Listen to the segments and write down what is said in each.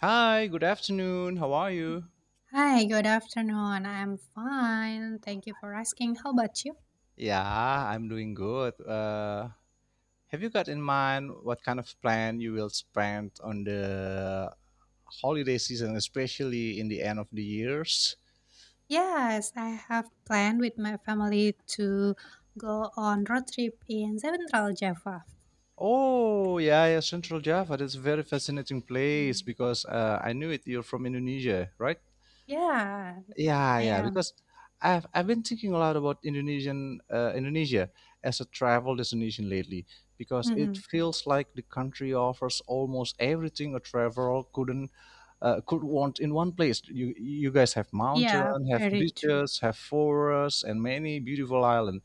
Hi, good afternoon. How are you? Hi, good afternoon. I'm fine. Thank you for asking. How about you? Yeah, I'm doing good. Have you got in mind what kind of plan you will spend on the holiday season, especially in the end of the years? Yes, I have planned with my family to go on road trip in Central Java. Oh, yeah, yeah, Central Java. That's a very fascinating place Mm. because I knew it. You're from Indonesia, right? Yeah, Yeah, I yeah, am. because I've been thinking a lot about Indonesia as a travel destination lately because it Hmm feels like the country offers almost everything a traveler couldn't could want in one place. You guys have mountain, Yeah, have very true. beaches, have forests, and many beautiful islands,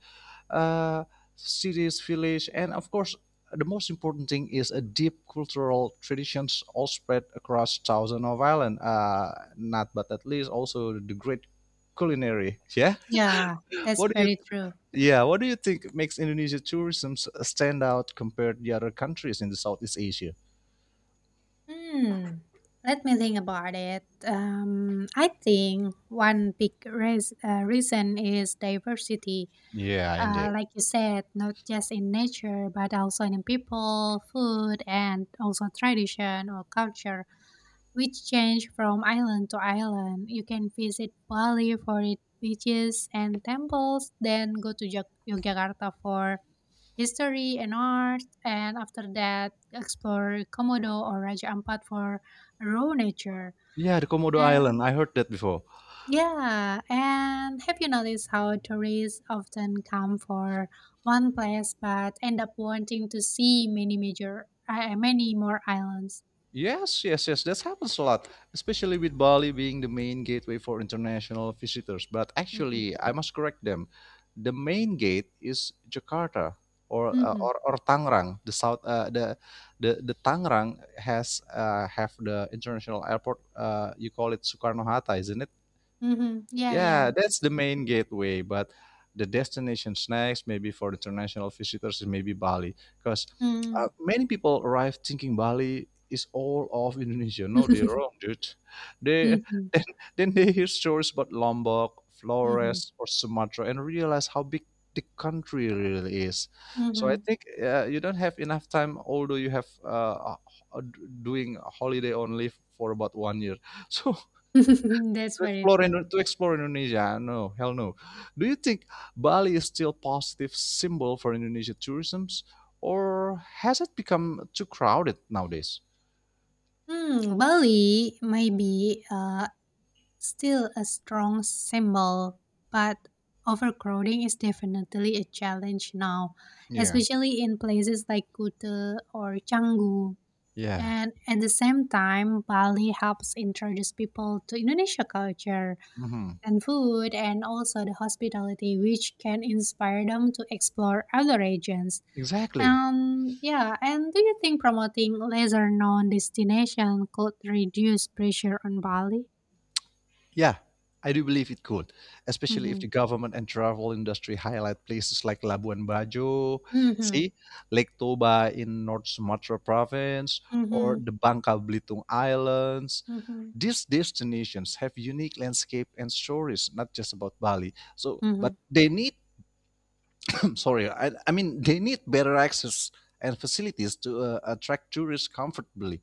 uh, cities, village, and of course the most important thing is a deep cultural traditions all spread across thousands of island. Not but at least also the great culinary. Yeah. Yeah, that's What do you? very true. Yeah. What do you think makes Indonesia tourism stand out compared to the other countries in the Southeast Asia? Hmm. Let me think about it. I think one big reason is diversity. Yeah, indeed. Like you said, not just in nature, but also in people, food, and also tradition or culture, which change from island to island. You can visit Bali for its beaches and temples, then go to Yogyakarta for history and art, and after that, explore Komodo or Raja Ampat for raw nature. Yeah, the Komodo Island. And I heard that before. yeah, and have you noticed how tourists often come for one place but end up wanting to see many many more islands? Yes, yes, yes. That happens a lot, especially with Bali being the main gateway for international visitors. But Mm-hmm. actually, I must correct them. The main gate is Jakarta or uh, Mm-hmm. or, or Tangerang. The Tangerang has have the international airport. You call it Soekarno Hatta, isn't it? Mm-hmm. Yeah, yeah, Yeah, that's that's the true. main gateway, but the destinations next, maybe for international visitors, is maybe Bali, because Mm-hmm. Many people arrive thinking Bali is all of Indonesia. No, they're wrong, dude. They mm-hmm. then, then they hear stories about Lombok, Mm-hmm. Flores, or Sumatra, and realize how big the country really is. So I Mm-hmm. think you don't have enough time, although you have uh, doing holiday only for about one year. So that's to very explore true. Indo- to explore Indonesia. No, hell no. Do you think Bali is still positive symbol for Indonesia tourism, or has it become too crowded nowadays? Hmm, Bali maybe still a strong symbol, but overcrowding is definitely a challenge now, Yeah. especially in places like Kuta or Canggu. Yeah. And at the same time, Bali helps introduce people to Indonesia culture Mhm. and food and also the hospitality, which can inspire them to explore other regions. Exactly. Yeah, and do you think promoting lesser known destination could reduce pressure on Bali? Yeah. I do believe it could, especially if Mm-hmm. the government and travel industry highlight places like Labuan Bajo, Mm-hmm. see, Lake Toba in North Sumatra province, or Mhm, the Bangka Belitung Islands. mhm, These destinations have unique landscape and stories, not just about Bali. So, mhm. but they need, sorry, I mean, they need better access and facilities to attract tourists comfortably.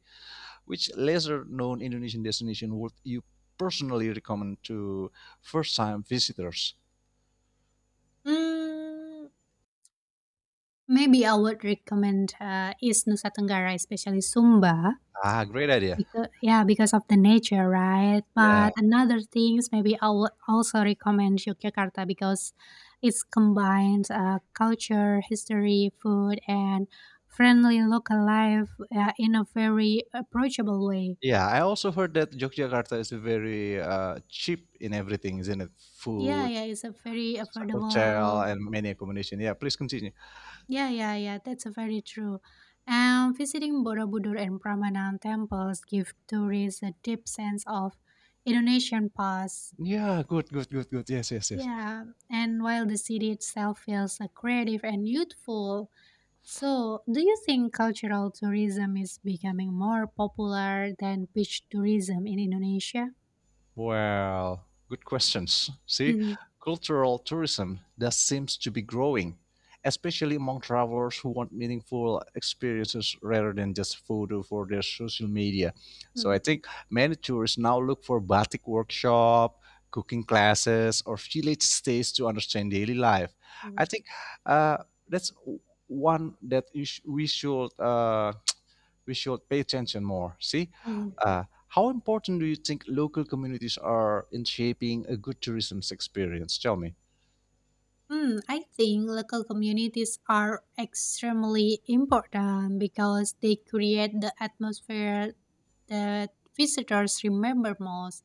Which lesser known Indonesian destination would you personally recommend to first time visitors? Mm, maybe I would recommend East Nusa Tenggara, especially Sumba, Ah, great idea. because yeah, because of the nature, right? Yeah, But another things, maybe I would also recommend Yogyakarta because it's combines, culture, history, food, and friendly local life, in a very approachable way. yeah. I also heard that Yogyakarta is very cheap in everything, isn't it? Yeah, Food, yeah, it's a very hotel, affordable. and many accommodation. Yeah, please continue. Yeah, yeah, yeah, that's very true. And visiting Borobudur and Prambanan temples give tourists a deep sense of Indonesian past. Yeah, good, good, good, good. Yes, yes, yes. Yeah, and while the city itself feels creative and youthful. So, do you think cultural tourism is becoming more popular than beach tourism in Indonesia? Well, good questions. See, Mhm, cultural tourism that seems to be growing, especially among travelers who want meaningful experiences rather than just photo for their social media. So I mhm, think many tourists now look for batik workshop, cooking classes, or village stays to understand daily life. I mhm, think uh, that's one that you sh- we should pay attention more. See, mhm. How important do you think local communities are in shaping a good tourism experience? Tell me. Hmm, I think local communities are extremely important because they create the atmosphere that visitors remember most,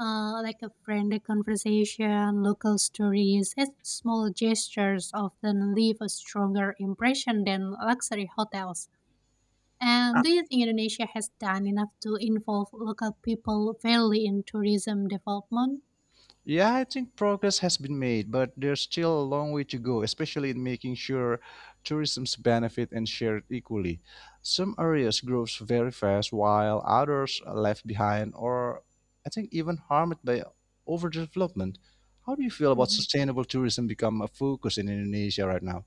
uh, like a friendly conversation, local stories, and small gestures often leave a stronger impression than luxury hotels. And do you think Indonesia has done enough to involve local people fairly in tourism development? Yeah, I think progress has been made, but there's still a long way to go, especially in making sure tourism's benefit and shared equally. Some areas grows very fast while others are left behind or I think even harmed by overdevelopment. How do you feel about Mhm. sustainable tourism become a focus in Indonesia right now?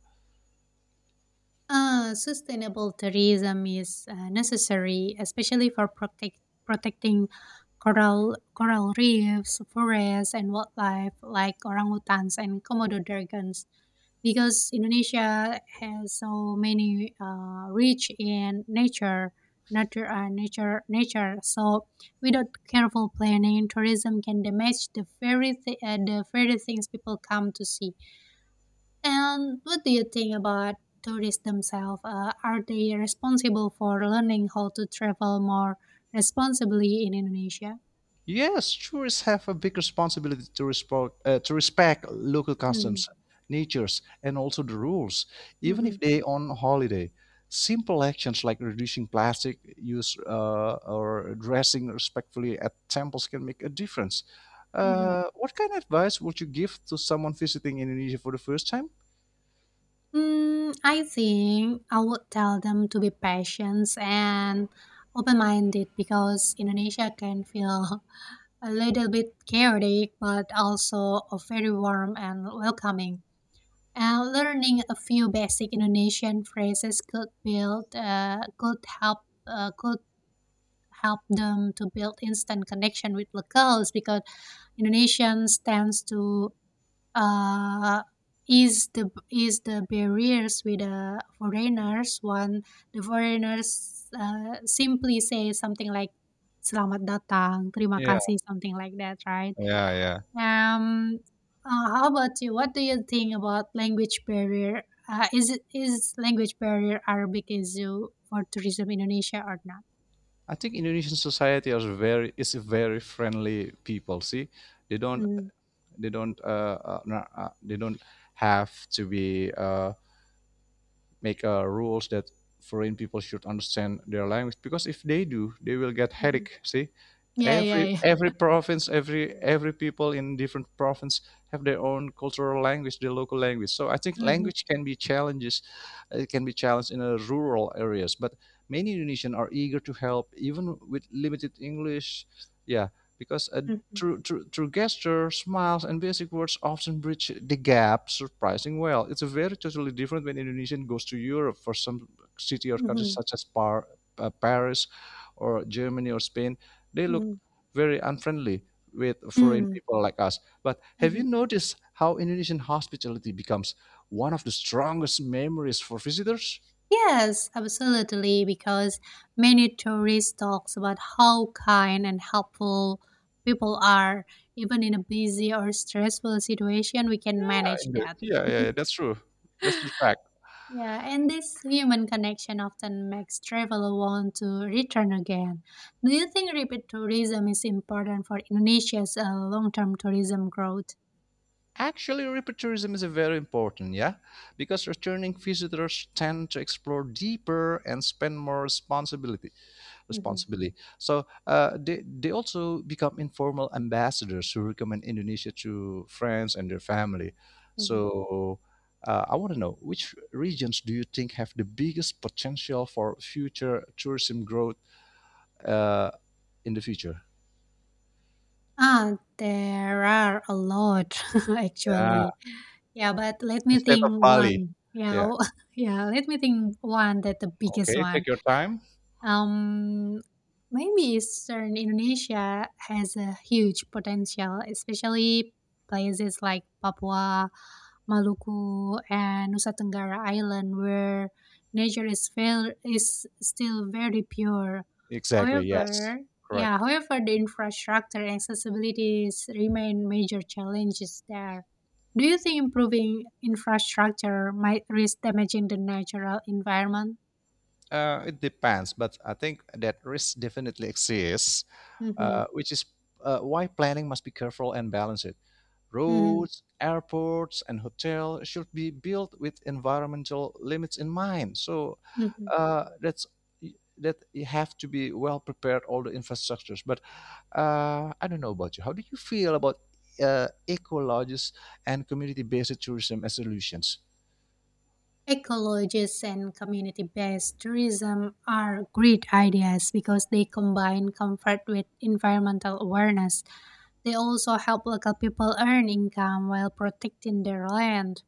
Sustainable tourism is necessary, especially for protecting coral reefs, forests, and wildlife like orangutans and Komodo dragons. Because Indonesia has so many rich in nature, nature, nature, nature. So without careful planning, tourism can damage the the very things people come to see. And what do you think about tourists themselves? Are they responsible for learning how to travel more responsibly in Indonesia? Yes, tourists have a big responsibility to, respect local Mm-hmm. customs, natures, and also the rules, even Mm-hmm. if they on holiday. Simple actions like reducing plastic use or dressing respectfully at temples can make a difference. Mm-hmm. What kind of advice would you give to someone visiting Indonesia for the first time? Mm, I think I would tell them to be patient and open minded because Indonesia can feel a little bit chaotic but also very warm and welcoming. Learning a few basic Indonesian phrases could help them to build instant connection with locals because Indonesians tends to uh, ease the barriers with the foreigners when the foreigners simply say something like "selamat datang," "terima Yeah, kasih," something like that, right? yeah, yeah. Um, how about you? What do you think about language barrier? Is language barrier Arabic is you for tourism Indonesia or not? I think Indonesian society is a very friendly people. See, they don't Mm-hmm. they don't have to be. Make rules that foreign people should understand their language because if they do, they will get hmm headache. See, Yeah, yeah, every yeah. Province, every people in different province have their own cultural language, their local language. So I think Mm-hmm. language can be challenges, it can be challenged in rural areas. But many Indonesians are eager to help, even with limited English. Yeah, because uh, Mm-hmm. through, through, through gestures, smiles, and basic words often bridge the gap surprising well. It's a very totally different when Indonesian goes to Europe for some city or countries Mm-hmm. such as Paris or Germany or Spain. They look very unfriendly with foreign Mm-hmm. people like us. But have you Mm-hmm. noticed how Indonesian hospitality becomes one of the strongest memories for visitors? Yes, absolutely. Because many tourists talks about how kind and helpful people are, even in a busy or stressful situation. We can Yeah, manage indeed. that. Yeah, yeah, yeah, that's true. That's the fact. Yeah, and this human connection often makes travel want to return again. Do you think repeat tourism is important for Indonesia's long-term tourism growth? Actually, repeatourism is a very important, yeah, because returning visitors tend to explore deeper and spend more responsibility, Hmm Responsibility, So they also become informal ambassadors who recommend Indonesia to friends and their family. hmm So I want to know which regions do you think have the biggest potential for future tourism growth uh, in the future? Ah, there are a lot Yeah, actually. Yeah, but let me instead of think Bali. one. Yeah. Yeah, yeah, let me think one that the biggest Okay, one. take your time. Um, maybe Eastern Indonesia has a huge potential, especially places like Papua, Maluku, and Nusa Tenggara Island, where is still very pure. Exactly, yes. However, yeah, Correct. however, the infrastructure and accessibilities remain major challenges there. Do you think improving infrastructure might risk damaging the natural environment? It depends, but I think that risk definitely exists, Hmm which is why planning must be careful and balance it. hmm Roads, airports, and hotels should be built with environmental limits in mind. So hmm that's that you have to be well prepared all the infrastructures. But I don't know about you. How do you feel about ecologists and community-based tourism as solutions? Ecologists and community based tourism are great ideas because they combine comfort with environmental awareness. They also help local people earn income while protecting their land.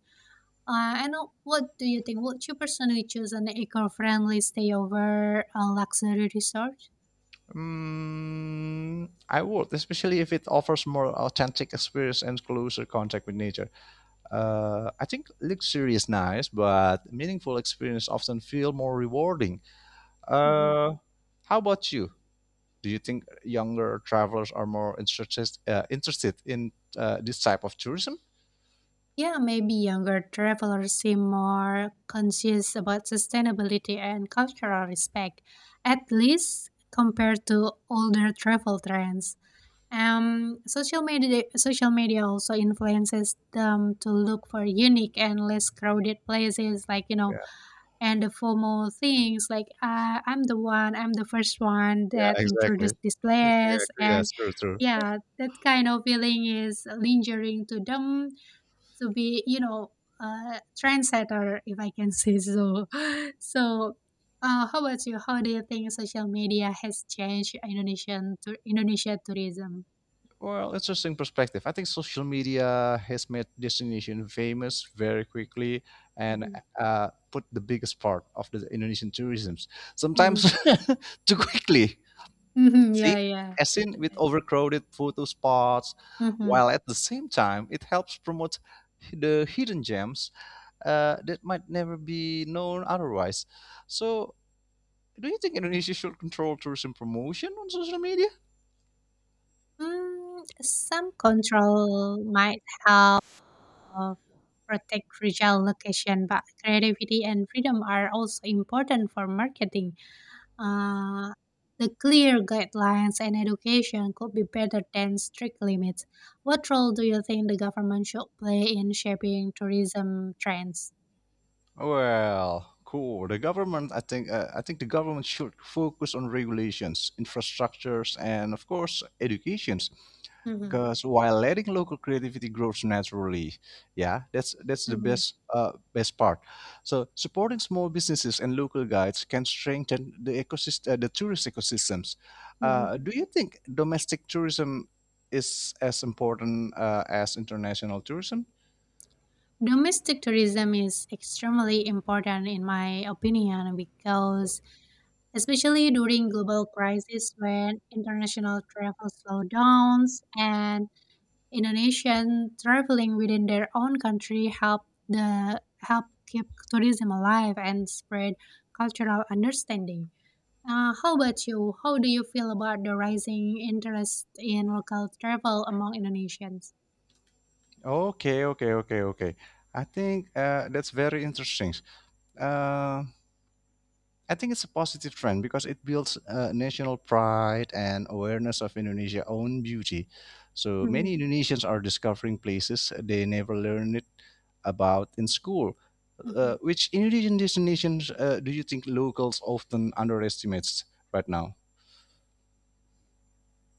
And what do you think? Would you personally choose an eco-friendly stay over a luxury resort? Mm, I would, especially if it offers more authentic experience and closer contact with nature. I think luxury is nice, but meaningful experience often feel more rewarding. Mhm. Uh, how about you? Do you think younger travelers are more interested in this type of tourism? Yeah, maybe younger travelers seem more conscious about sustainability and cultural respect, at least compared to older travel trends. Social media also influences them to look for unique and less crowded places, like you know, and the formal things like I'm the one, I'm the first one Yeah, that exactly. introduced this Yeah, place, and yes, true, true. yeah, that kind of feeling is lingering to them to be you know a trendsetter if I can say so. So how about you, how do you think social media has changed Indonesia tourism? Well, interesting perspective. I think social media has made destination famous very quickly and Mm-hmm. Put the biggest part of the Indonesian tourism sometimes too quickly. Mm-hmm. Yeah, See, yeah, as in that's with right. overcrowded photo spots, Mm-hmm. while at the same time it helps promote the hidden gems that might never be known otherwise. So, do you think Indonesia should control tourism promotion on social media? Mm, some control might help uh, protect fragile location but creativity and freedom are also important for marketing. Uh, the clear guidelines and education could be better than strict limits. What role do you think the government should play in shaping tourism trends? Well, cool. The government, I think the government should focus on regulations, infrastructures, and of course, educations. Mhm, Because while letting local creativity grows naturally, yeah, that's the mhm, best best part. So supporting small businesses and local guides can strengthen the ecosystem, the tourist ecosystems. mhm. Do you think domestic tourism is as important as international tourism? Domestic tourism is extremely important, in my opinion, because especially during global crisis when international travel slowdowns and Indonesian traveling within their own country help the help keep tourism alive and spread cultural understanding. How about you? How do you feel about the rising interest in local travel among Indonesians? Okay, okay, okay, okay. I think that's very interesting. Uh, I think it's a positive trend because it builds national pride and awareness of Indonesia's own beauty. So Mhm, many Indonesians are discovering places they never learned it about in school. mhm. Which Indonesian destinations do you think locals often underestimates right now?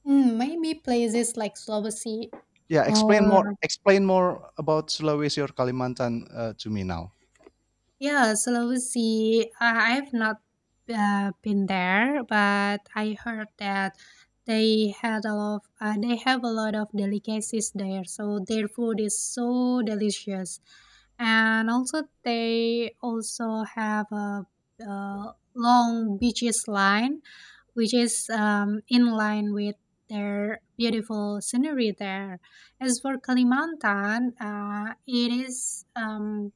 Mm, maybe places like Slovakia Yeah, explain or. more. Explain more about Sulawesi or Kalimantan to me now. Yeah, Sulawesi, I've not been there, but I heard that they have a lot of delicacies there, so their food is so delicious. And also they also have uh, long beaches line, which is in line with their beautiful scenery there. As for Kalimantan,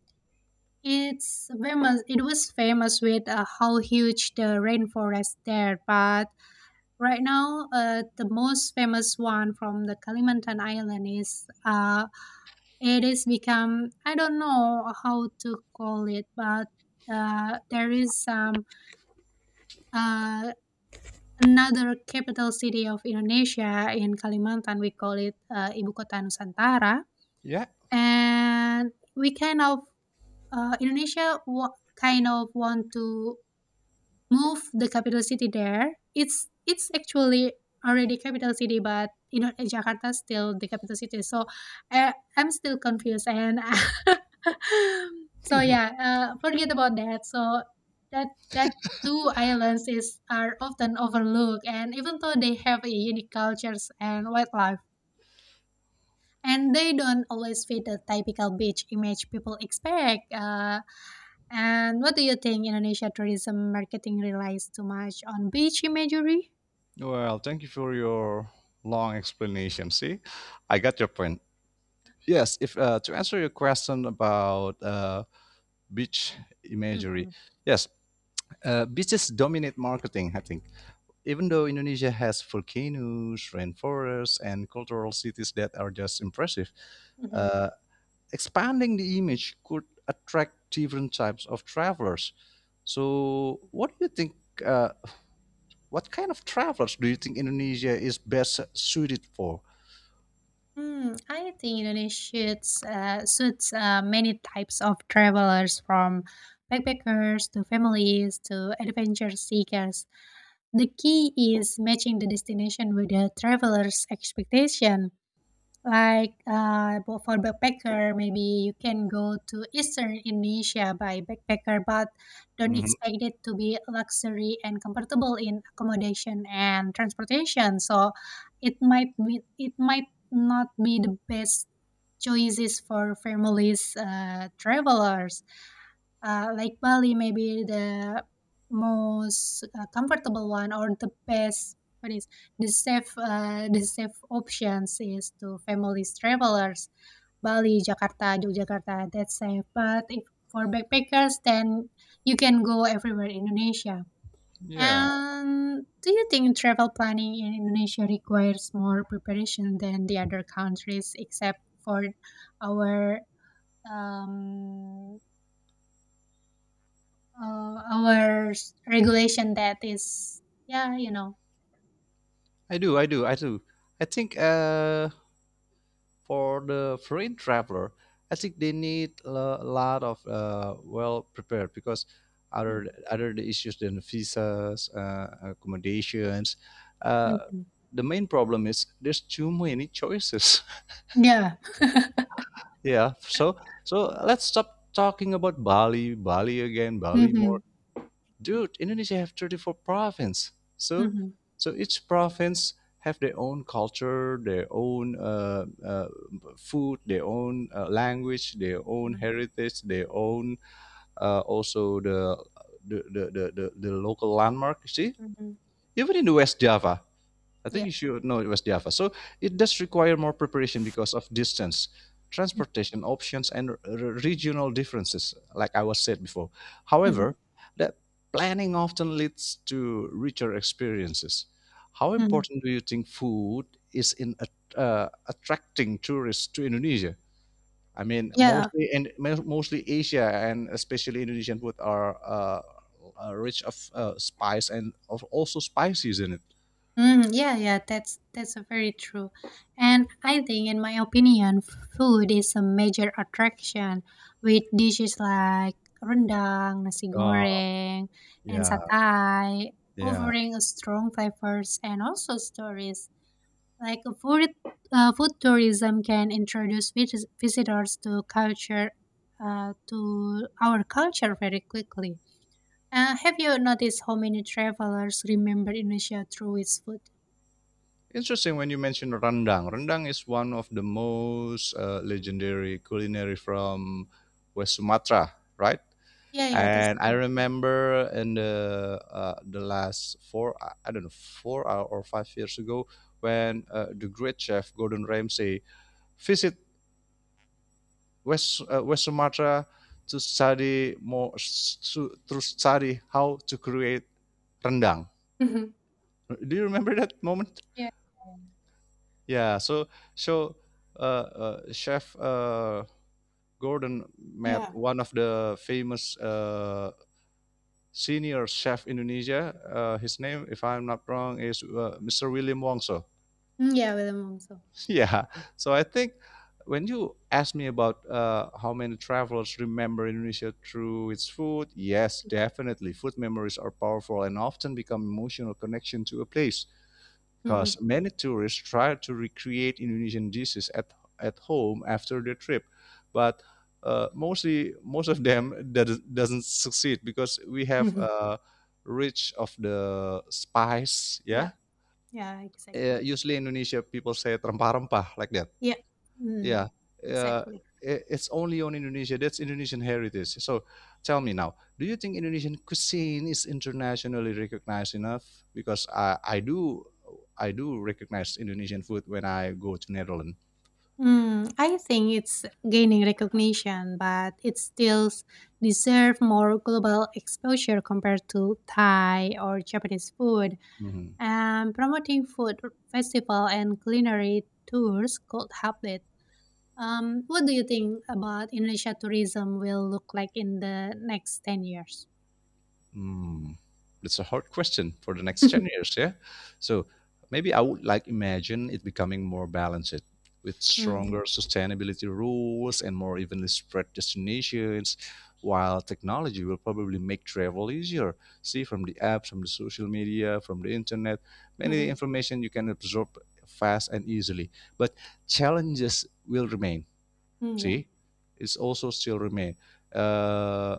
it's famous. It was famous with how huge the rainforest there. But right now, the most famous one from the Kalimantan island is it is become, I don't know how to call it, but there is some uh, another capital city of Indonesia in Kalimantan. We call it Ibu Kota Nusantara, Yeah. and we kind of uh, Indonesia wa- kind of want to move the capital city there. It's actually already capital city, but you know Jakarta still the capital city. So I'm still confused and so yeah, forget about that. So that that two islands is are often overlooked, and even though they have a unique cultures and wildlife, and they don't always fit the typical beach image people expect. And what do you think Indonesia tourism marketing relies too much on beach imagery? Well, thank you for your long explanation. See, I got your point. Yes, if to answer your question about beach imagery, Mhm, yes, beaches dominate marketing. I think, even though Indonesia has volcanoes, rainforests, and cultural cities that are just impressive, mhm. uh, expanding the image could attract different types of travelers. So, what do you think? Uh, what kind of travelers do you think Indonesia is best suited for? Hmm, I think Indonesia suits many types of travelers from backpackers to families to adventure seekers. The key is matching the destination with the traveler's expectation. Like for backpacker, maybe you can go to Eastern Indonesia by backpacker, but don't Mhm. expect it to be luxury and comfortable in accommodation and transportation. So it might not be the best choices for families, travelers. Uh, like Bali may be the most comfortable one or the best, what is the safe options is to families travelers: Bali, Jakarta, Yogyakarta, that's safe, but if for backpackers then you can go everywhere in Indonesia. Yeah, And do you think travel planning in Indonesia requires more preparation than the other countries except for our um, our regulation that is, yeah, you know. I do, I do, I do. I think for the foreign traveler, I think they need a lot of well prepared because Mm, other the issues than visas, accommodations, uh, mhm. the main problem is there's too many choices. Yeah. Yeah. So let's stop talking about Bali, Bali again, Bali more. Mhm. Dude, Indonesia have 34 province. So Mhm. so each province have their own culture, their own food, their own language, their own Mhm. heritage, their own also the local landmark. See, Mhm. even in the West Java, I think Yeah. you should know it was Java. So it does require more preparation because of distance, transportation options, and regional differences, like I was said before. Mhm. However, that planning often leads to richer experiences. How Mhm. important do you think food is in attracting tourists to Indonesia? I mean, Yeah. mostly and mostly Asia and especially Indonesian food are rich of spice and of also spices in it. Mm, yeah, yeah, that's a very true. And I think in my opinion, food is a major attraction with dishes like rendang, nasi Oh, goreng, and yeah. satay, Yeah. offering a strong flavors and also stories. Like food tourism can introduce visitors to culture, to our culture very quickly. Have you noticed how many travelers remember Indonesia through its food? Interesting when you mention rendang. Rendang is one of the most legendary culinary from West Sumatra, right? Yeah, yeah, that's And I true. remember in the last four, I don't know, four or 5 years ago, when the great chef Gordon Ramsay visit West Sumatra to study more to study how to create rendang. Mhm. Do you remember that moment? Yeah. Yeah. So Chef Gordon met Yeah. one of the famous senior chef Indonesia. His name, if I'm not wrong, is Mr. William Wongso. Mm, yeah, William also. Yeah. So I think when you ask me about how many travelers remember Indonesia through its food, yes, definitely. Food memories are powerful and often become emotional connection to a place because Mm-hmm. many tourists try to recreate Indonesian dishes at home after their trip. But most of them doesn't succeed because we have Mhm. Rich of the spice, Yeah, yeah. yeah, exactly. Usually Indonesia people say rempah-rempah like that, Yeah, mm, yeah, uh, exactly. It's only on Indonesia. That's Indonesian heritage. So, tell me now, do you think Indonesian cuisine is internationally recognized enough? Because I do recognize Indonesian food when I go to Netherlands. Hmm. I think it's gaining recognition, but it still deserves more global exposure compared to Thai or Japanese food. Mm-hmm. And promoting food festival and culinary tours could help it. What do you think about Indonesia tourism will look like in the next 10 years? Mm, that's a hard question for the next 10 years, yeah. So maybe I would like imagine it becoming more balanced, with mm, stronger sustainability rules and more evenly spread destinations, while technology will probably make travel easier. See, from the apps, from the social media, from the internet, many mm-hmm, information you can absorb fast and easily. But challenges will remain. mm, yeah. See, it's also still remain, uh,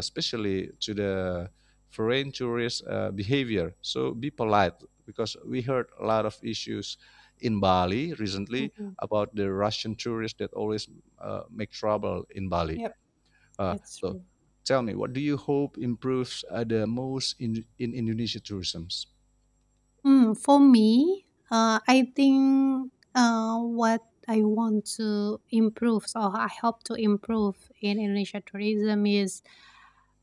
especially to the foreign tourist behavior. So be polite, because we heard a lot of issues in Bali recently Mm-hmm. about the Russian tourists that always make trouble in Bali. Yep, Uh, that's so true. tell me, what do you hope improves the most in Indonesia tourism? Hmm. For me, I think what I want to improve, so I hope to improve in Indonesia tourism is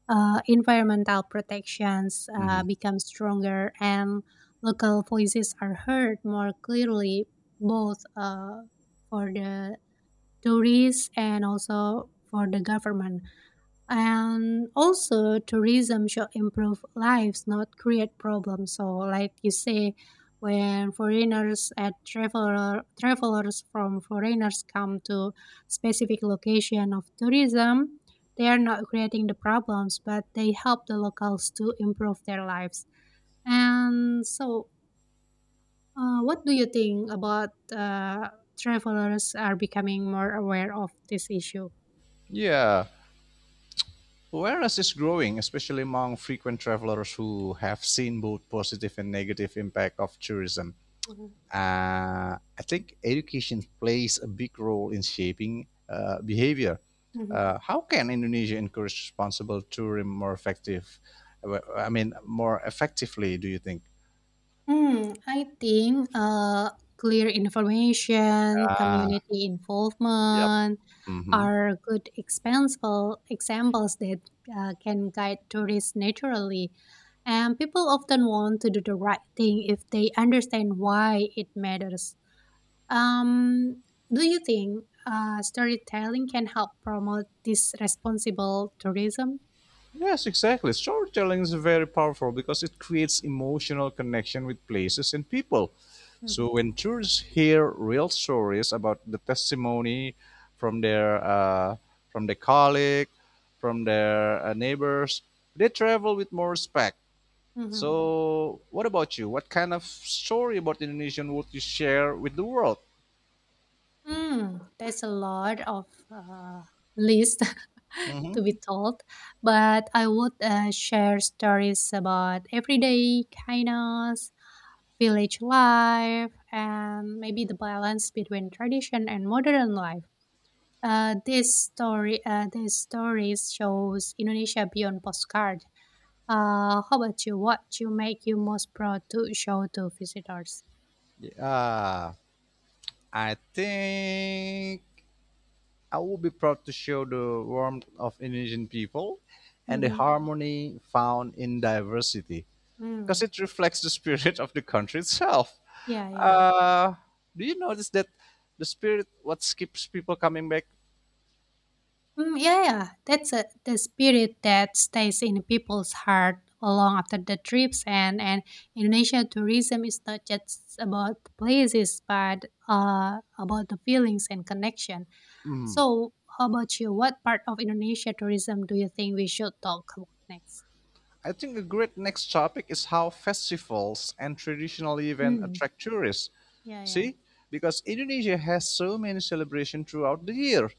environmental protections Mhm. become stronger and local voices are heard more clearly, both for the tourists and also for the government, and also tourism should improve lives not create problems, so like you say when foreigners and travelers from foreigners come to specific location of tourism, they are not creating the problems but they help the locals to improve their lives. And so what do you think about travelers are becoming more aware of this issue? Yeah, awareness is growing, especially among frequent travelers who have seen both positive and negative impact of tourism. Mhm. I think education plays a big role in shaping behavior. Mhm. How can Indonesia encourage responsible tourism more effective? Well, I mean, more effectively, do you think? Hmm. I think clear information, Ah, community yep. involvement Hmm. are good examples that can guide tourists naturally. And people often want to do the right thing if they understand why it matters. Um, do you think storytelling can help promote this responsible tourism? Yes, exactly. Storytelling is very powerful because it creates emotional connection with places and people. Mhm. So when tourists hear real stories about the testimony from their uh, from their colleague, from their neighbors, they travel with more respect. Mhm. So, what about you? What kind of story about Indonesian would you share with the world? Mm, there's a lot of list to be Mm-hmm. told, but I would share stories about everyday kindness, village life, and maybe the balance between tradition and modern life. These stories shows Indonesia beyond postcard. How about you? What you make you most proud to show to visitors? Ah, I think I would be proud to show the warmth of Indonesian people and the Mm-hmm. harmony found in diversity, Mm. because it reflects the spirit of the country itself. Yeah, yeah. Uh, do you notice that the spirit what keeps people coming back? Mm, yeah, yeah, that's a, the spirit that stays in people's heart long after the trips and. And Indonesia tourism is not just about places but about the feelings and connection. So, how about you? What part of Indonesia tourism do you think we should talk about next? I think a great next topic is how festivals and traditional events Mm, attract tourists. yeah, yeah. See, because Indonesia has so many celebrations throughout the year,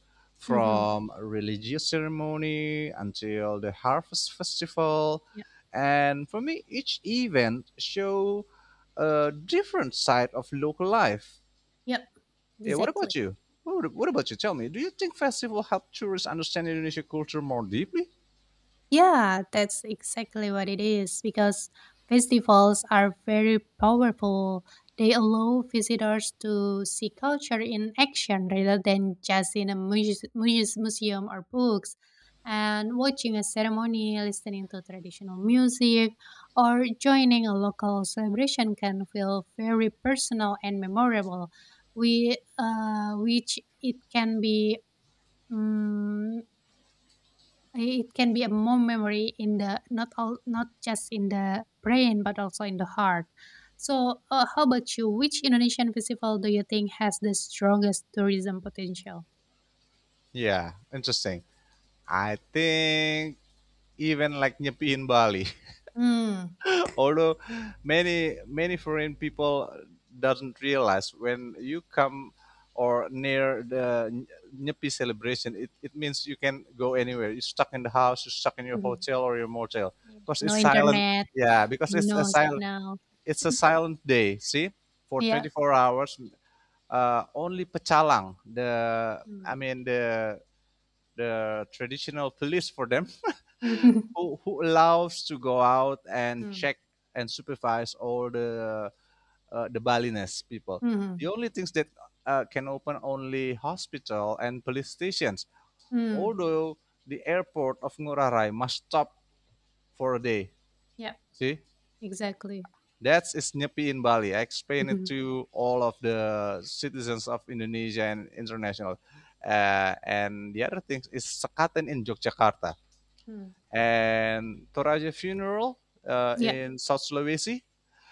Mm-hmm. from religious ceremony until the harvest festival. Yeah. And for me, each event show a different side of local life. Yep. Yeah, what Exactly. about you? What about you? Tell me, do you think festival help tourists understand Indonesia culture more deeply? Yeah, that's exactly what it is because festivals are very powerful. They allow visitors to see culture in action rather than just in a museum or books. And watching a ceremony, listening to traditional music, or joining a local celebration can feel very personal and memorable. We, which it can be mm, it can be a more memory in the not all, not just in the brain but also in the heart. So, how about you? Which Indonesian festival do you think has the strongest tourism potential? Yeah, interesting. I think even like Nyepi in Bali. Mm. Although many foreign people doesn't realize when you come or near the Nyepi celebration, it means you can go anywhere. You're stuck in the house, you're stuck in your Mhm. hotel or your motel Yeah. because No it's silent. internet, Yeah, because no signal. it's a silent day. See, for Yeah. 24 hours, only pecalang, the Mm. I mean the traditional police for them, who allows to go out and Mm. check and supervise all the Balinese people. The Mm. only things that can open only hospital and police stations. Mm. Although the airport of Ngurah Rai must stop for a day. Yeah. See, Exactly. that's is Nyepi in Bali. I explained it Mhm. to all of the citizens of Indonesia and international. And the other thing is Sekaten in Yogyakarta Mm. and Toraja funeral Yeah. in South Sulawesi.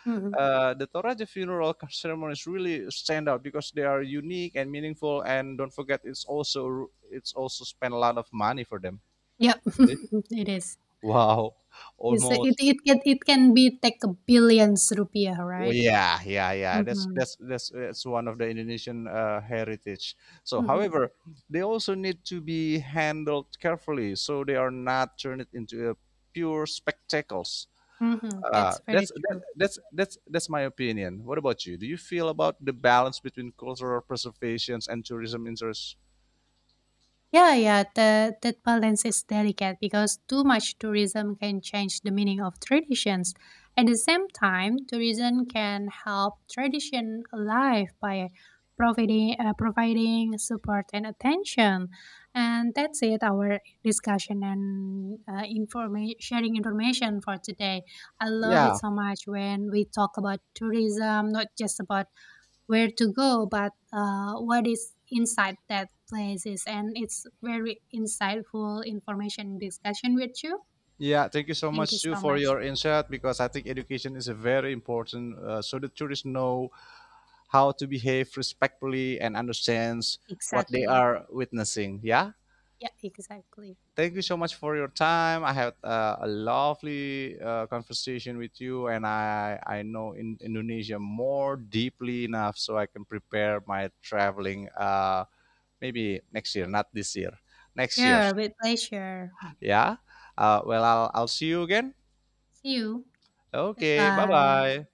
hmm The Toraja funeral ceremonies really stand out because they are unique and meaningful, and don't forget it's also spent a lot of money for them. Yep. See? It is. Wow, It's, it, almost. It can be take a billions rupiah, Oh, right? yeah, yeah, yeah. Mm-hmm. That's one of the Indonesian heritage. So, however, they also need to be handled carefully so they are not turned into a pure spectacles. Mhm, that's That's very that, true. That's my opinion. What about you? Do you feel about the balance between cultural preservations and tourism interests? Yeah, yeah, the, that balance is delicate because too much tourism can change the meaning of traditions. At the same time, tourism can help tradition alive by providing support and attention. And that's it, our discussion and sharing information for today. I love it Yeah, so much when we talk about tourism, not just about where to go, but what is inside that places. And it's very insightful information discussion with you. yeah. Thank you so much, Thank you Sue, so for much. your insight, because I think education is a very important so the tourists know how to behave respectfully and understands what they Exactly. are witnessing. Yeah. Yeah, exactly. Thank you so much for your time. I had a lovely conversation with you, and I know in Indonesia more deeply enough so I can prepare my traveling. Maybe next year, not this year, next year. Sure, with pleasure. Yeah. Well, I'll see you again. See you. Okay. Bye Goodbye. bye.